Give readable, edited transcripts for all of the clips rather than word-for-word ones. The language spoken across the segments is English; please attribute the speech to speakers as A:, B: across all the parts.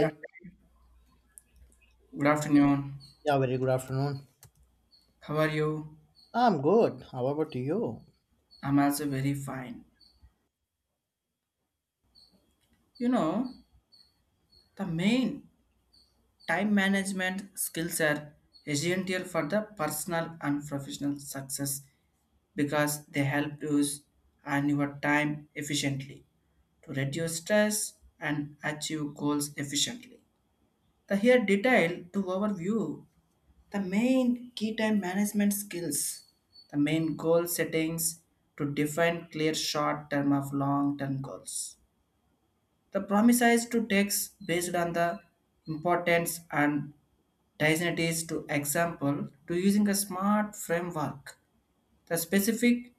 A: Yeah. Good afternoon.
B: Yeah, very good afternoon.
A: How are you?
B: I'm good. How about you?
A: I'm also very fine. You know, the main time management skills are essential for the personal and professional success because they help use and your time efficiently to reduce stress and achieve goals efficiently. The here detail to overview. The main key time management skills, the main goal settings to define clear short term of long term goals. The promise is to text based on the importance and designates to example to using a smart framework. The specific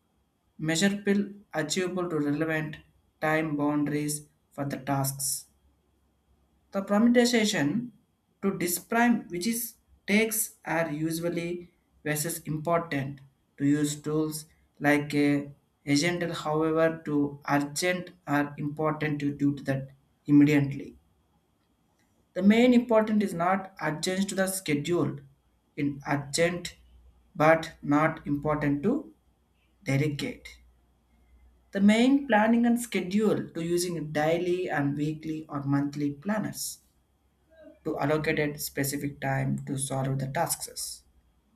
A: measurable achievable to relevant time boundaries for the tasks, the permutation to disprime which is takes are usually versus important to use tools like a agent, however to urgent are important to do to that immediately. The main important is not urgent to the schedule, in urgent but not important to delegate. The main planning and schedule to using daily and weekly or monthly planners, to allocated specific time to solve the tasks,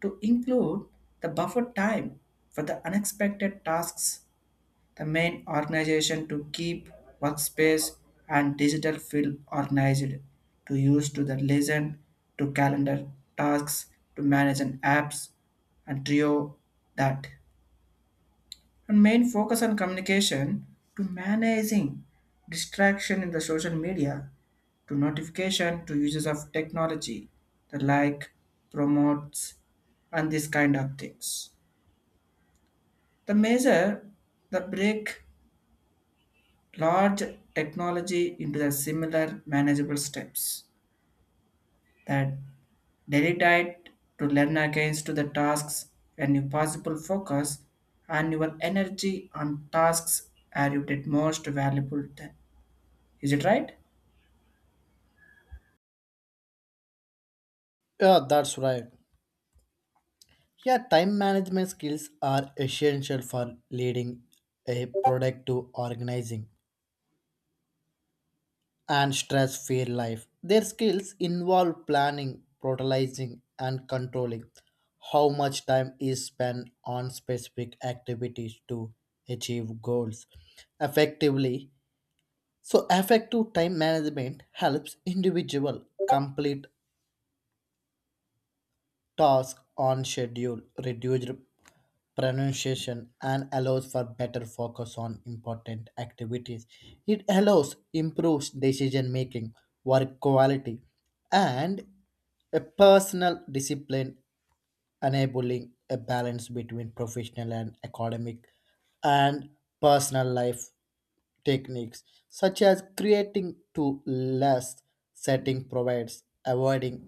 A: to include the buffer time for the unexpected tasks, the main organization to keep workspace and digital field organized, to use to the lesson, to calendar tasks, to manage an apps, and trio that, and main focus on communication to managing distraction in the social media, to notification to uses of technology, the like promotes and this kind of things, the measure, the break large technology into the similar manageable steps, that dedicate to learn against to the tasks and your possible focus and your energy on tasks are you did most valuable then. Is it right?
B: Yeah, that's right. Yeah, time management skills are essential for leading a productive, organizing, and stress free life. Their skills involve planning, prioritizing, and controlling how much time is spent on specific activities to achieve goals effectively. So, effective time management helps individual complete task on schedule, reduced pronunciation, and allows for better focus on important activities. It allows improves decision making, work quality, and a personal discipline, enabling a balance between professional and academic and personal life techniques such as creating to less setting provides avoiding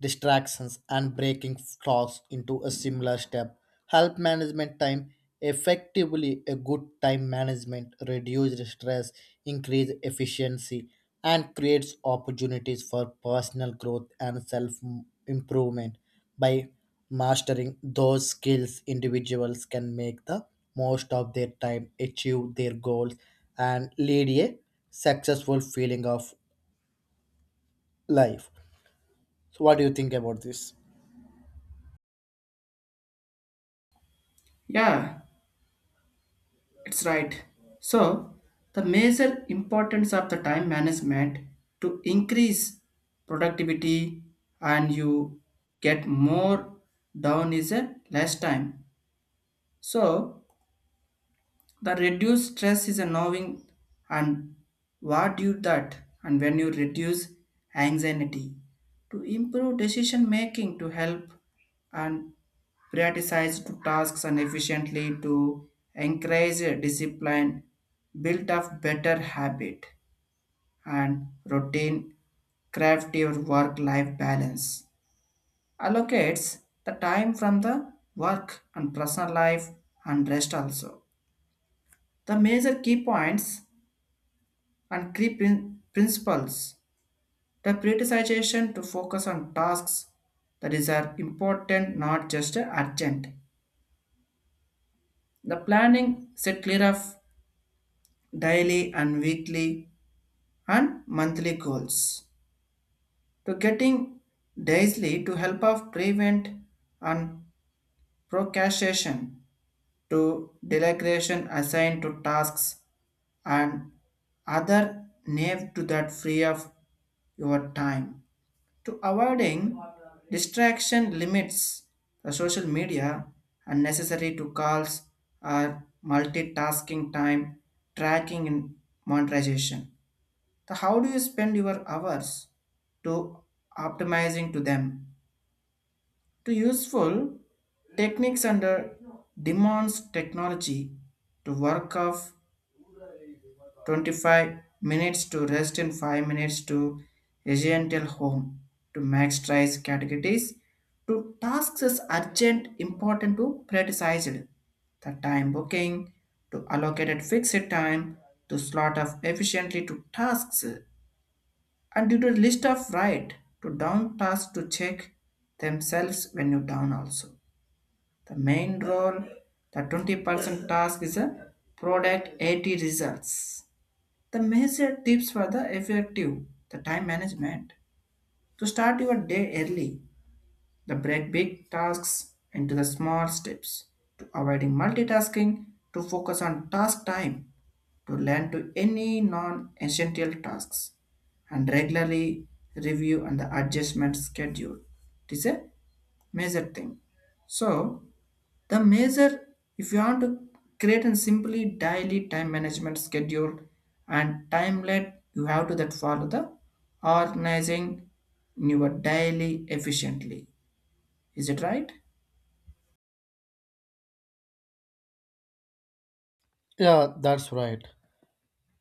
B: distractions and breaking tasks into a similar step help management time effectively. A good time management reduces stress, increase efficiency, and creates opportunities for personal growth and self improvement by mastering those skills. Individuals can make the most of their time, achieve their goals, and lead a successful feeling of life. So what do you think about this?
A: Yeah, it's right. So, the major importance of the time management to increase productivity and you get more down is a less time. So, the reduced stress is a knowing and what you that, and when you reduce anxiety to improve decision making to help, and prioritize to tasks and efficiently to encourage discipline, build up better habit and routine, craft your work-life balance. Allocates the time from the work and personal life and rest also. The major key points and key principles. The prioritization to focus on tasks that is are important, not just urgent. The planning set clear of daily and weekly and monthly goals to getting daily to help of prevent and procrastination, to delegation assigned to tasks and other name to that free of your time, to avoiding distraction limits the social media, unnecessary to calls or multitasking, time tracking and monetization. The how do you spend your hours to optimizing to them? To useful techniques under demands technology to work of 25 minutes to rest in 5 minutes to residential home, to maximize categories to tasks as urgent important to prioritized, the time booking to allocated fixed time to slot of efficiently to tasks, and due to list of right to down task to check themselves when you down also. The main role, the 20% task is a product 80 results. The major tips for the effective, the time management, to start your day early, the break big tasks into the small steps, to avoiding multitasking, to focus on task time, to learn to any non-essential tasks, and regularly review and the adjustment schedule. It is a major thing. So the major, if you want to create a simply daily time management schedule and timelet, you have to that follow the organizing your daily efficiently. Is it right?
B: Yeah, that's right.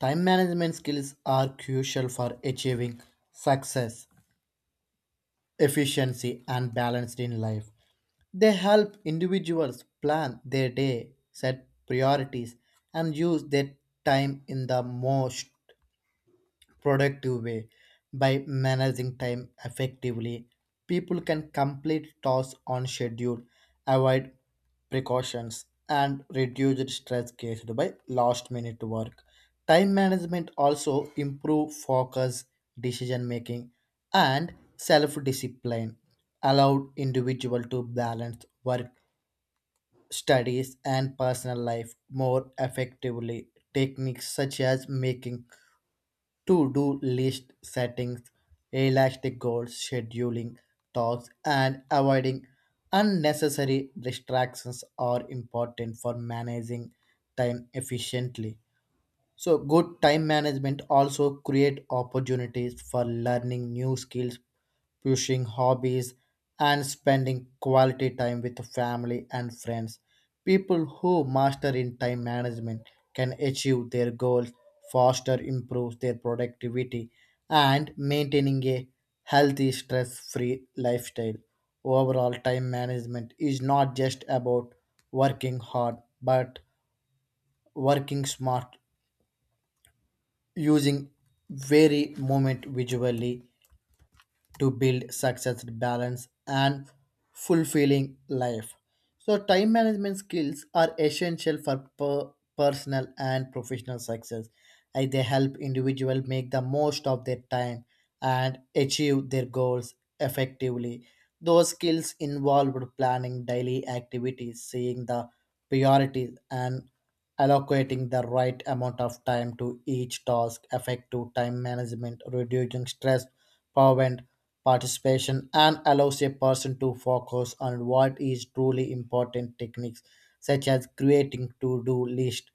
B: Time management skills are crucial for achieving success, efficiency, and balance in life. They help individuals plan their day, set priorities, and use their time in the most productive way. By managing time effectively, people can complete tasks on schedule, avoid precautions, and reduce stress caused by last minute work. Time management also improve focus, decision making, and self discipline, allow individual to balance work, studies, and personal life more effectively. Techniques such as making to-do list settings, elastic goals, scheduling tasks, and avoiding unnecessary distractions are important for managing time efficiently. So good time management also create opportunities for learning new skills, pushing hobbies, and spending quality time with family and friends. People who master in time management can achieve their goals faster, improve their productivity, and maintaining a healthy stress-free lifestyle. Overall, time management is not just about working hard but working smart, using very moment visually to build success, balance, and fulfilling life. So, time management skills are essential for personal and professional success, as they help individuals make the most of their time and achieve their goals effectively. Those skills involved planning daily activities, seeing the priorities, and allocating the right amount of time to each task. Effective time management, reducing stress, power participation, and allows a person to focus on what is truly important. Techniques such as creating to-do list,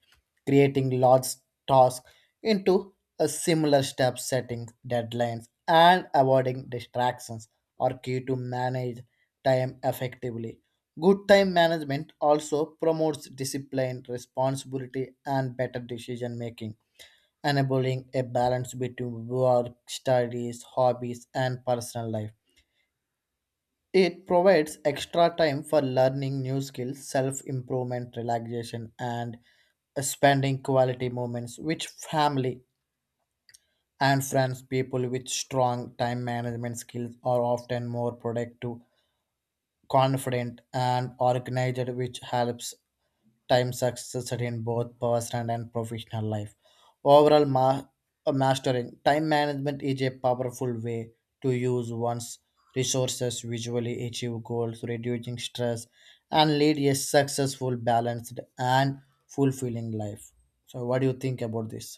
B: creating large tasks into a similar step, setting deadlines, and avoiding distractions are key to manage time effectively. Good time management also promotes discipline, responsibility, and better decision making, enabling a balance between work, studies, hobbies, and personal life. It provides extra time for learning new skills, self improvement, relaxation, and spending quality moments which family and friends. People with strong time management skills are often more productive, confident, and organized, which helps time success in both personal and professional life. Overall, mastering time management is a powerful way to use one's resources, visually achieve goals, reducing stress, and lead a successful, balanced, and fulfilling life. So, what do you think about this?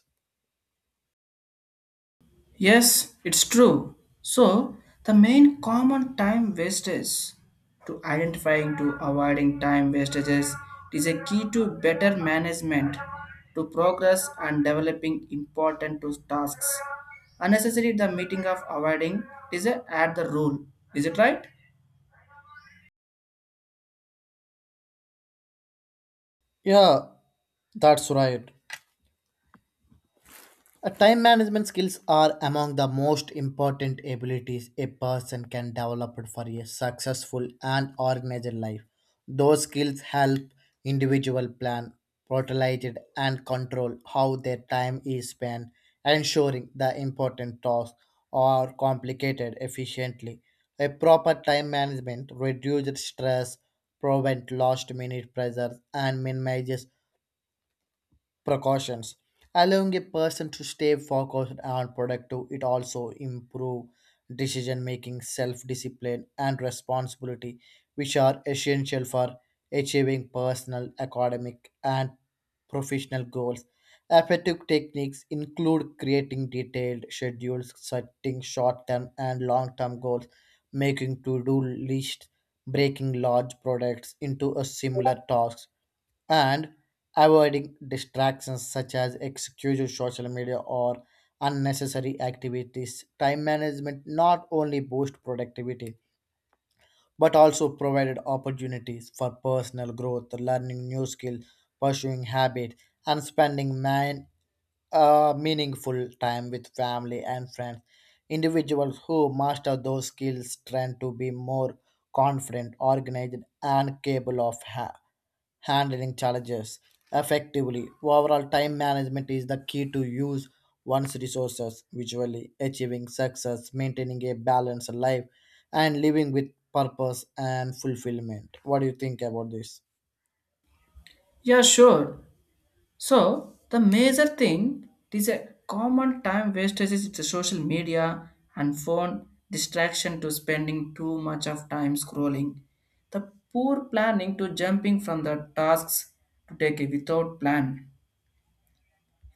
A: Yes, it's true. So, the main common time wastage to identifying to avoiding time wastages is a key to better management to progress and developing important to tasks. Unnecessary the meeting of avoiding is a add the rule. Is it right?
B: Yeah, that's right. Time management skills are among the most important abilities a person can develop for a successful and organized life. Those skills help individual plan, prioritize, and control how their time is spent, ensuring the important tasks are completed efficiently. A proper time management reduces stress, prevents last-minute pressures, and minimizes precautions, allowing a person to stay focused and productive. It also improve decision making, self discipline, and responsibility, which are essential for achieving personal, academic, and professional goals. Effective techniques include creating detailed schedules, setting short term and long term goals, making to do lists, breaking large products into a similar tasks, and avoiding distractions such as excessive social media or unnecessary activities. Time management not only boosts productivity but also provided opportunities for personal growth, learning new skills, pursuing habit, and spending man a meaningful time with family and friends. Individuals who master those skills tend to be more confident, organized, and capable of handling challenges effectively. Overall, time management is the key to use one's resources visually, achieving success, maintaining a balanced life, and living with purpose and fulfillment. What do you think about this?
A: Yeah, sure. So the major thing, it is a common time wastage is the social media and phone distraction to spending too much of time scrolling. The poor planning to jumping from the tasks to take a without plan.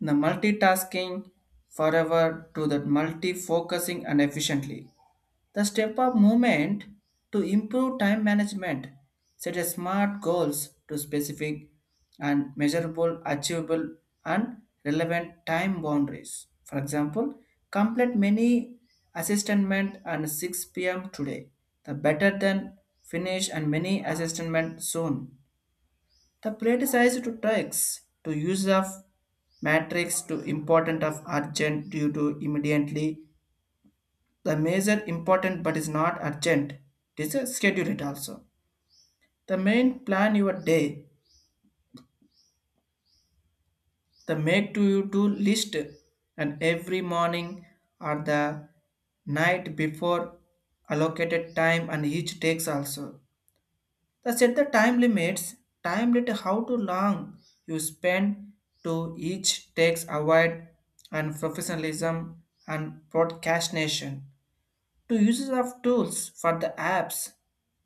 A: The multitasking forever to the multi-focusing and efficiently. The step up movement to improve time management set a smart goals to specific and measurable, achievable, and relevant time boundaries. For example, complete many assessment and 6 p.m. today. The better than finish and many assessment soon. The prioritize to tasks to use of matrix to important of urgent due to immediately, the major important but is not urgent. It is a schedule it also. The main plan your day, the make to you to list and every morning or the night before allocated time and each takes also. The set the time limits, time limit how to long you spend to each takes avoid and professionalism and procrastination. To uses of tools for the apps,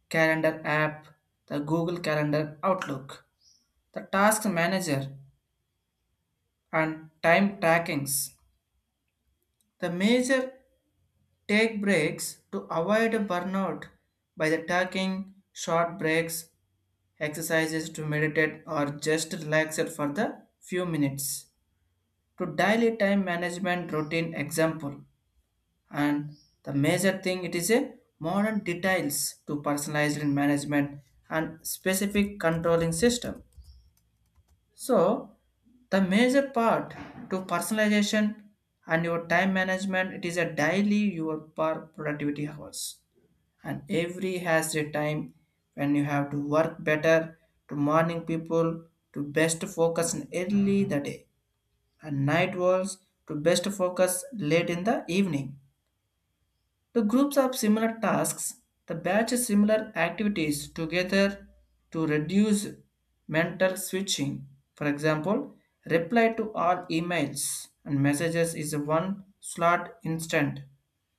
A: calendar app, the Google Calendar Outlook, the task manager, and time trackings. The major take breaks to avoid burnout by the taking short breaks, exercises to meditate or just relax it for the few minutes. To daily time management routine example, and the major thing, it is a modern details to personalized in management and specific controlling system. So the major part to personalization and your time management, it is a daily your per productivity hours, and every has a time when you have to work better, to morning people to best focus in early the day, and night works to best focus late in the evening, the groups of similar tasks, the batch similar activities together to reduce mental switching. For example, reply to all emails and messages is one slot instant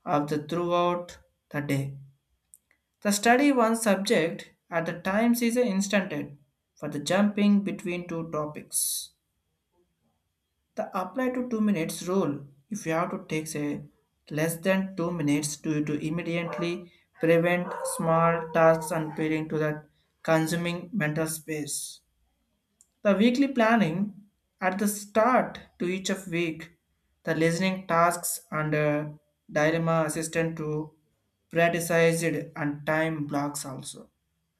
A: of the throughout the day. The study one subject at the times is instanted for the jumping between two topics. The apply to 2 minutes rule, if you have to take a less than 2 minutes to immediately prevent small tasks and appealing to that consuming mental space. The weekly planning at the start to each of week, the listening tasks and dilemma assistant to prioritized and time blocks also.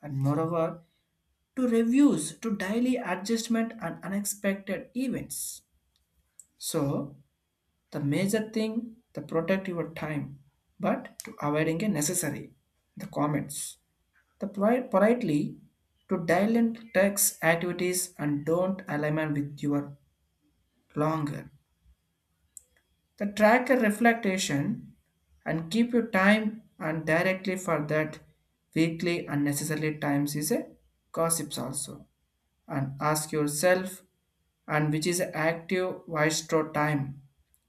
A: And moreover, to reviews to daily adjustment and unexpected events. So the major thing to protect your time, but to avoiding a necessary. The comments. The politely to dilate tax activities and don't align with your longer. The tracker reflectation and keep your time and directly for that weekly unnecessary times is a gossips also, and ask yourself and which is active waistro time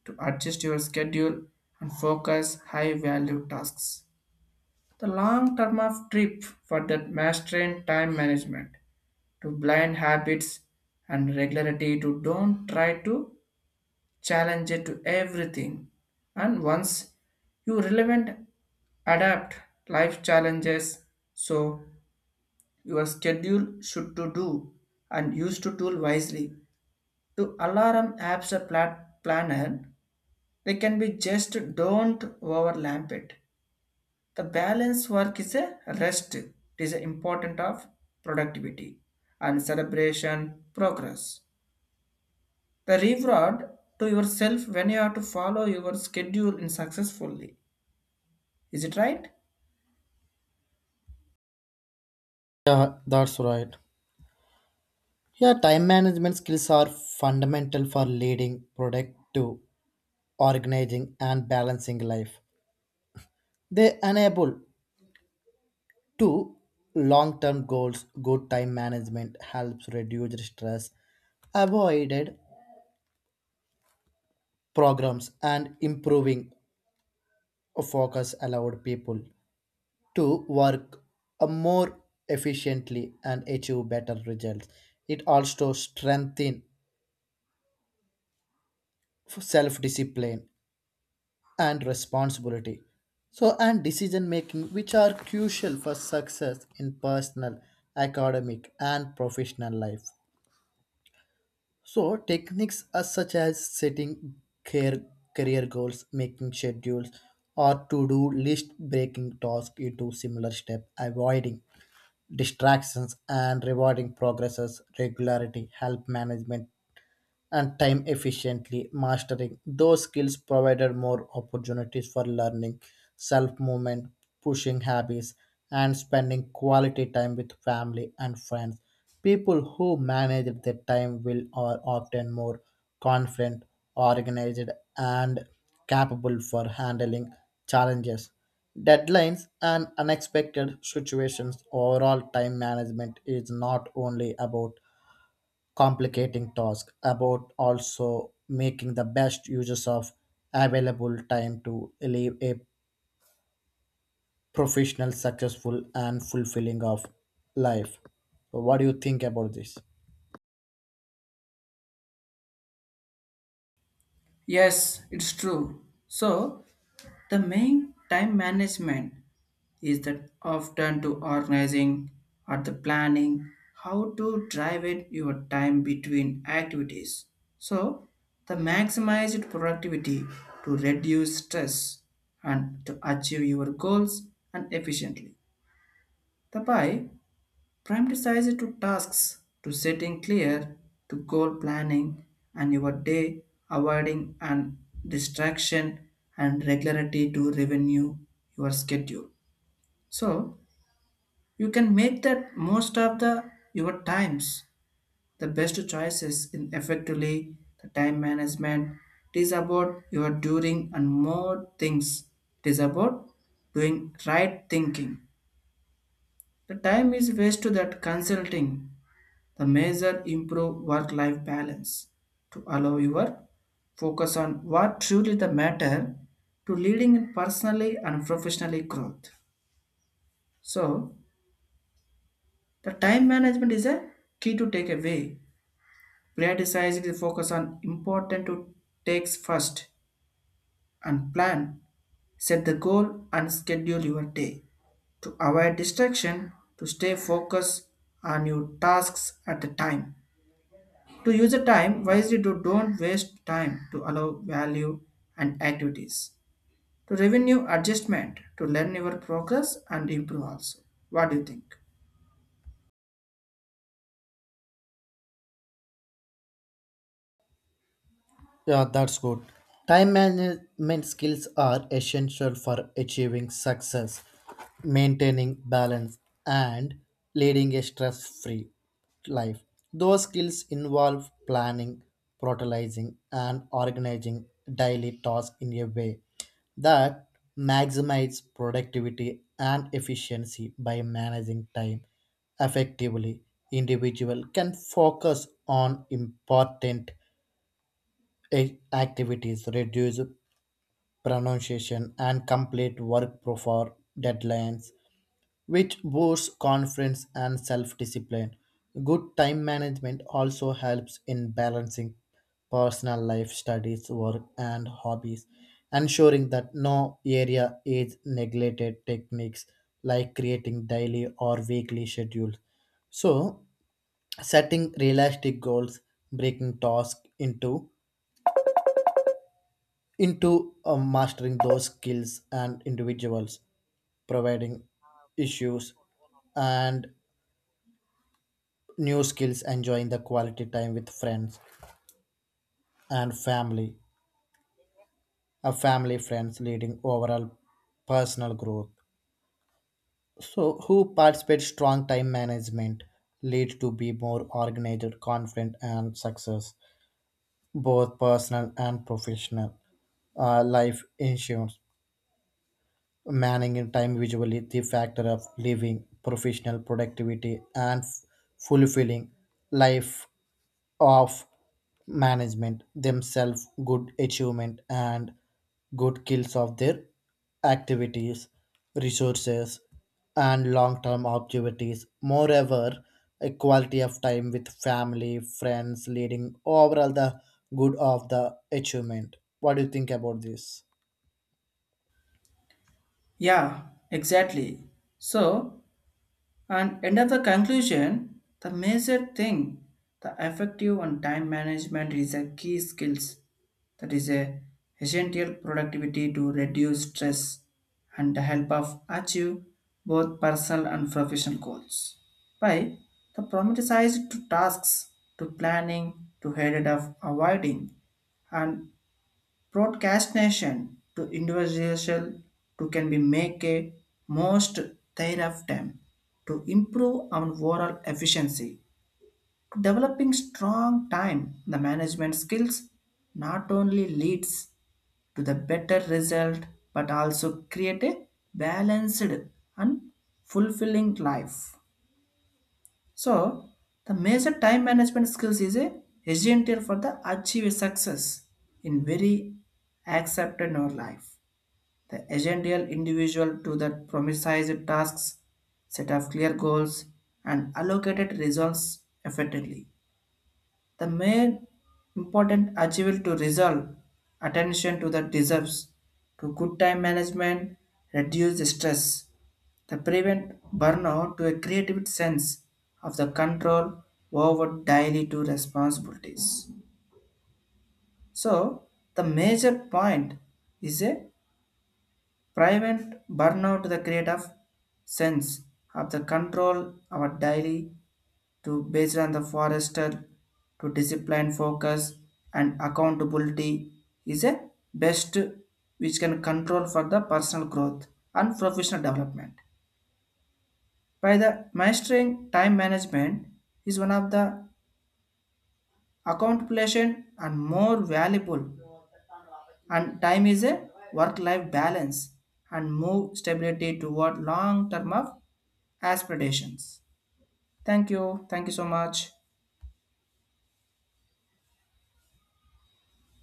A: to adjust your schedule and focus high value tasks. The long term of trip for that mastering time management to blind habits and regularity to don't try to challenge it to everything. And once you relevant adapt life challenges, so your schedule should to do and use to tool wisely to alarm apps or planner, they can be just don't overlap it. The balance work is a rest. It is important of productivity and celebration progress. The reward to yourself when you have to follow your schedule in successfully. Is it right?
B: Yeah, that's right. Yeah, time management skills are fundamental for leading, productive, organizing, and balancing life. They enable two long term goals. Good time management helps reduce stress, avoided programs, and improving focus, allowed people to work more efficiently and achieve better results. It also strengthens self discipline and responsibility, so and decision making, which are crucial for success in personal, academic, and professional life. So techniques are such as setting care, career goals, making schedules or to-do list, breaking tasks into similar steps, avoiding distractions, and rewarding progresses regularity help management and time efficiently. Mastering those skills provided more opportunities for learning, self movement, pushing habits, and spending quality time with family and friends. People who manage their time will are often more confident, organized, and capable for handling challenges, deadlines, and unexpected situations. Overall, time management is not only about complicating task about also making the best uses of available time to live a professional successful and fulfilling of life. So what do you think about this?
A: Yes, it's true. So the main time management is that often to organizing or the planning how to drive in your time between activities. So the maximized productivity to reduce stress and to achieve your goals and efficiently. The by prioritizing to tasks to setting clear to goal planning and your day, avoiding and distraction and regularity to revenue your schedule. So you can make that most of the your times, the best choices in effectively the time management. It is about your doing and more things. It is about doing right thinking. The time is waste to that consulting. The measure improve work life balance to allow your focus on what truly the matter to leading in personally and professionally growth. So the time management is a key to take away. Prioritizing the focus on important to takes first and plan, set the goal and schedule your day. To avoid distraction, to stay focused on your tasks at the time. To use the time wisely to don't waste time to allow value and activities. To revenue adjustment, to learn your progress and improve also. What do you think?
B: Yeah, that's good. Time management skills are essential for achieving success, maintaining balance, and leading a stress free life. Those skills involve planning, prioritizing, and organizing daily tasks in a way that maximizes productivity and efficiency. By managing time effectively, individual can focus on important activities, reduce pronunciation, and complete work before deadlines, which boosts confidence and self discipline. Good time management also helps in balancing personal life, studies, work, and hobbies, ensuring that no area is neglected. Techniques like creating daily or weekly schedules. So, setting realistic goals, breaking tasks into mastering those skills and individuals, providing issues and new skills, enjoying the quality time with friends and family, a family friends leading overall personal growth. So who participate strong time management lead to be more organized, confident, and success, both personal and professional life insurance. Managing time visually, the factor of living, professional productivity, and fulfilling life of management themselves, good achievement, and good kills of their activities, resources, and long term activities. Moreover, a quality of time with family, friends, leading overall the good of the achievement. What do you think about this?
A: Yeah, exactly. So, and end of the conclusion, the major thing, the effective and time management is a key skills that is a essential productivity to reduce stress and the help of achieve both personal and professional goals. By the prioritized to tasks to planning to headed of avoiding and broadcastation to individual to can be make a most thereafter to improve our overall efficiency. Developing strong time the management skills not only leads to the better result but also create a balanced and fulfilling life. So the major time management skills is a essential for the achieve success in very accepted in our life. The essential individual to that promised tasks, set of clear goals, and allocated results effectively. The main important achievable to resolve attention to the deserves to good time management, reduce the stress, the prevent burnout to a creative sense of the control over daily to responsibilities. So the major point is a prevent burnout, the create of sense of the control our daily to based on the forester to discipline focus and accountability is a best which can control for the personal growth and professional development. By the mastering time management is one of the accomplishment and more valuable and time is a work-life balance and move stability toward long term of aspirations. Thank you. Thank you so much.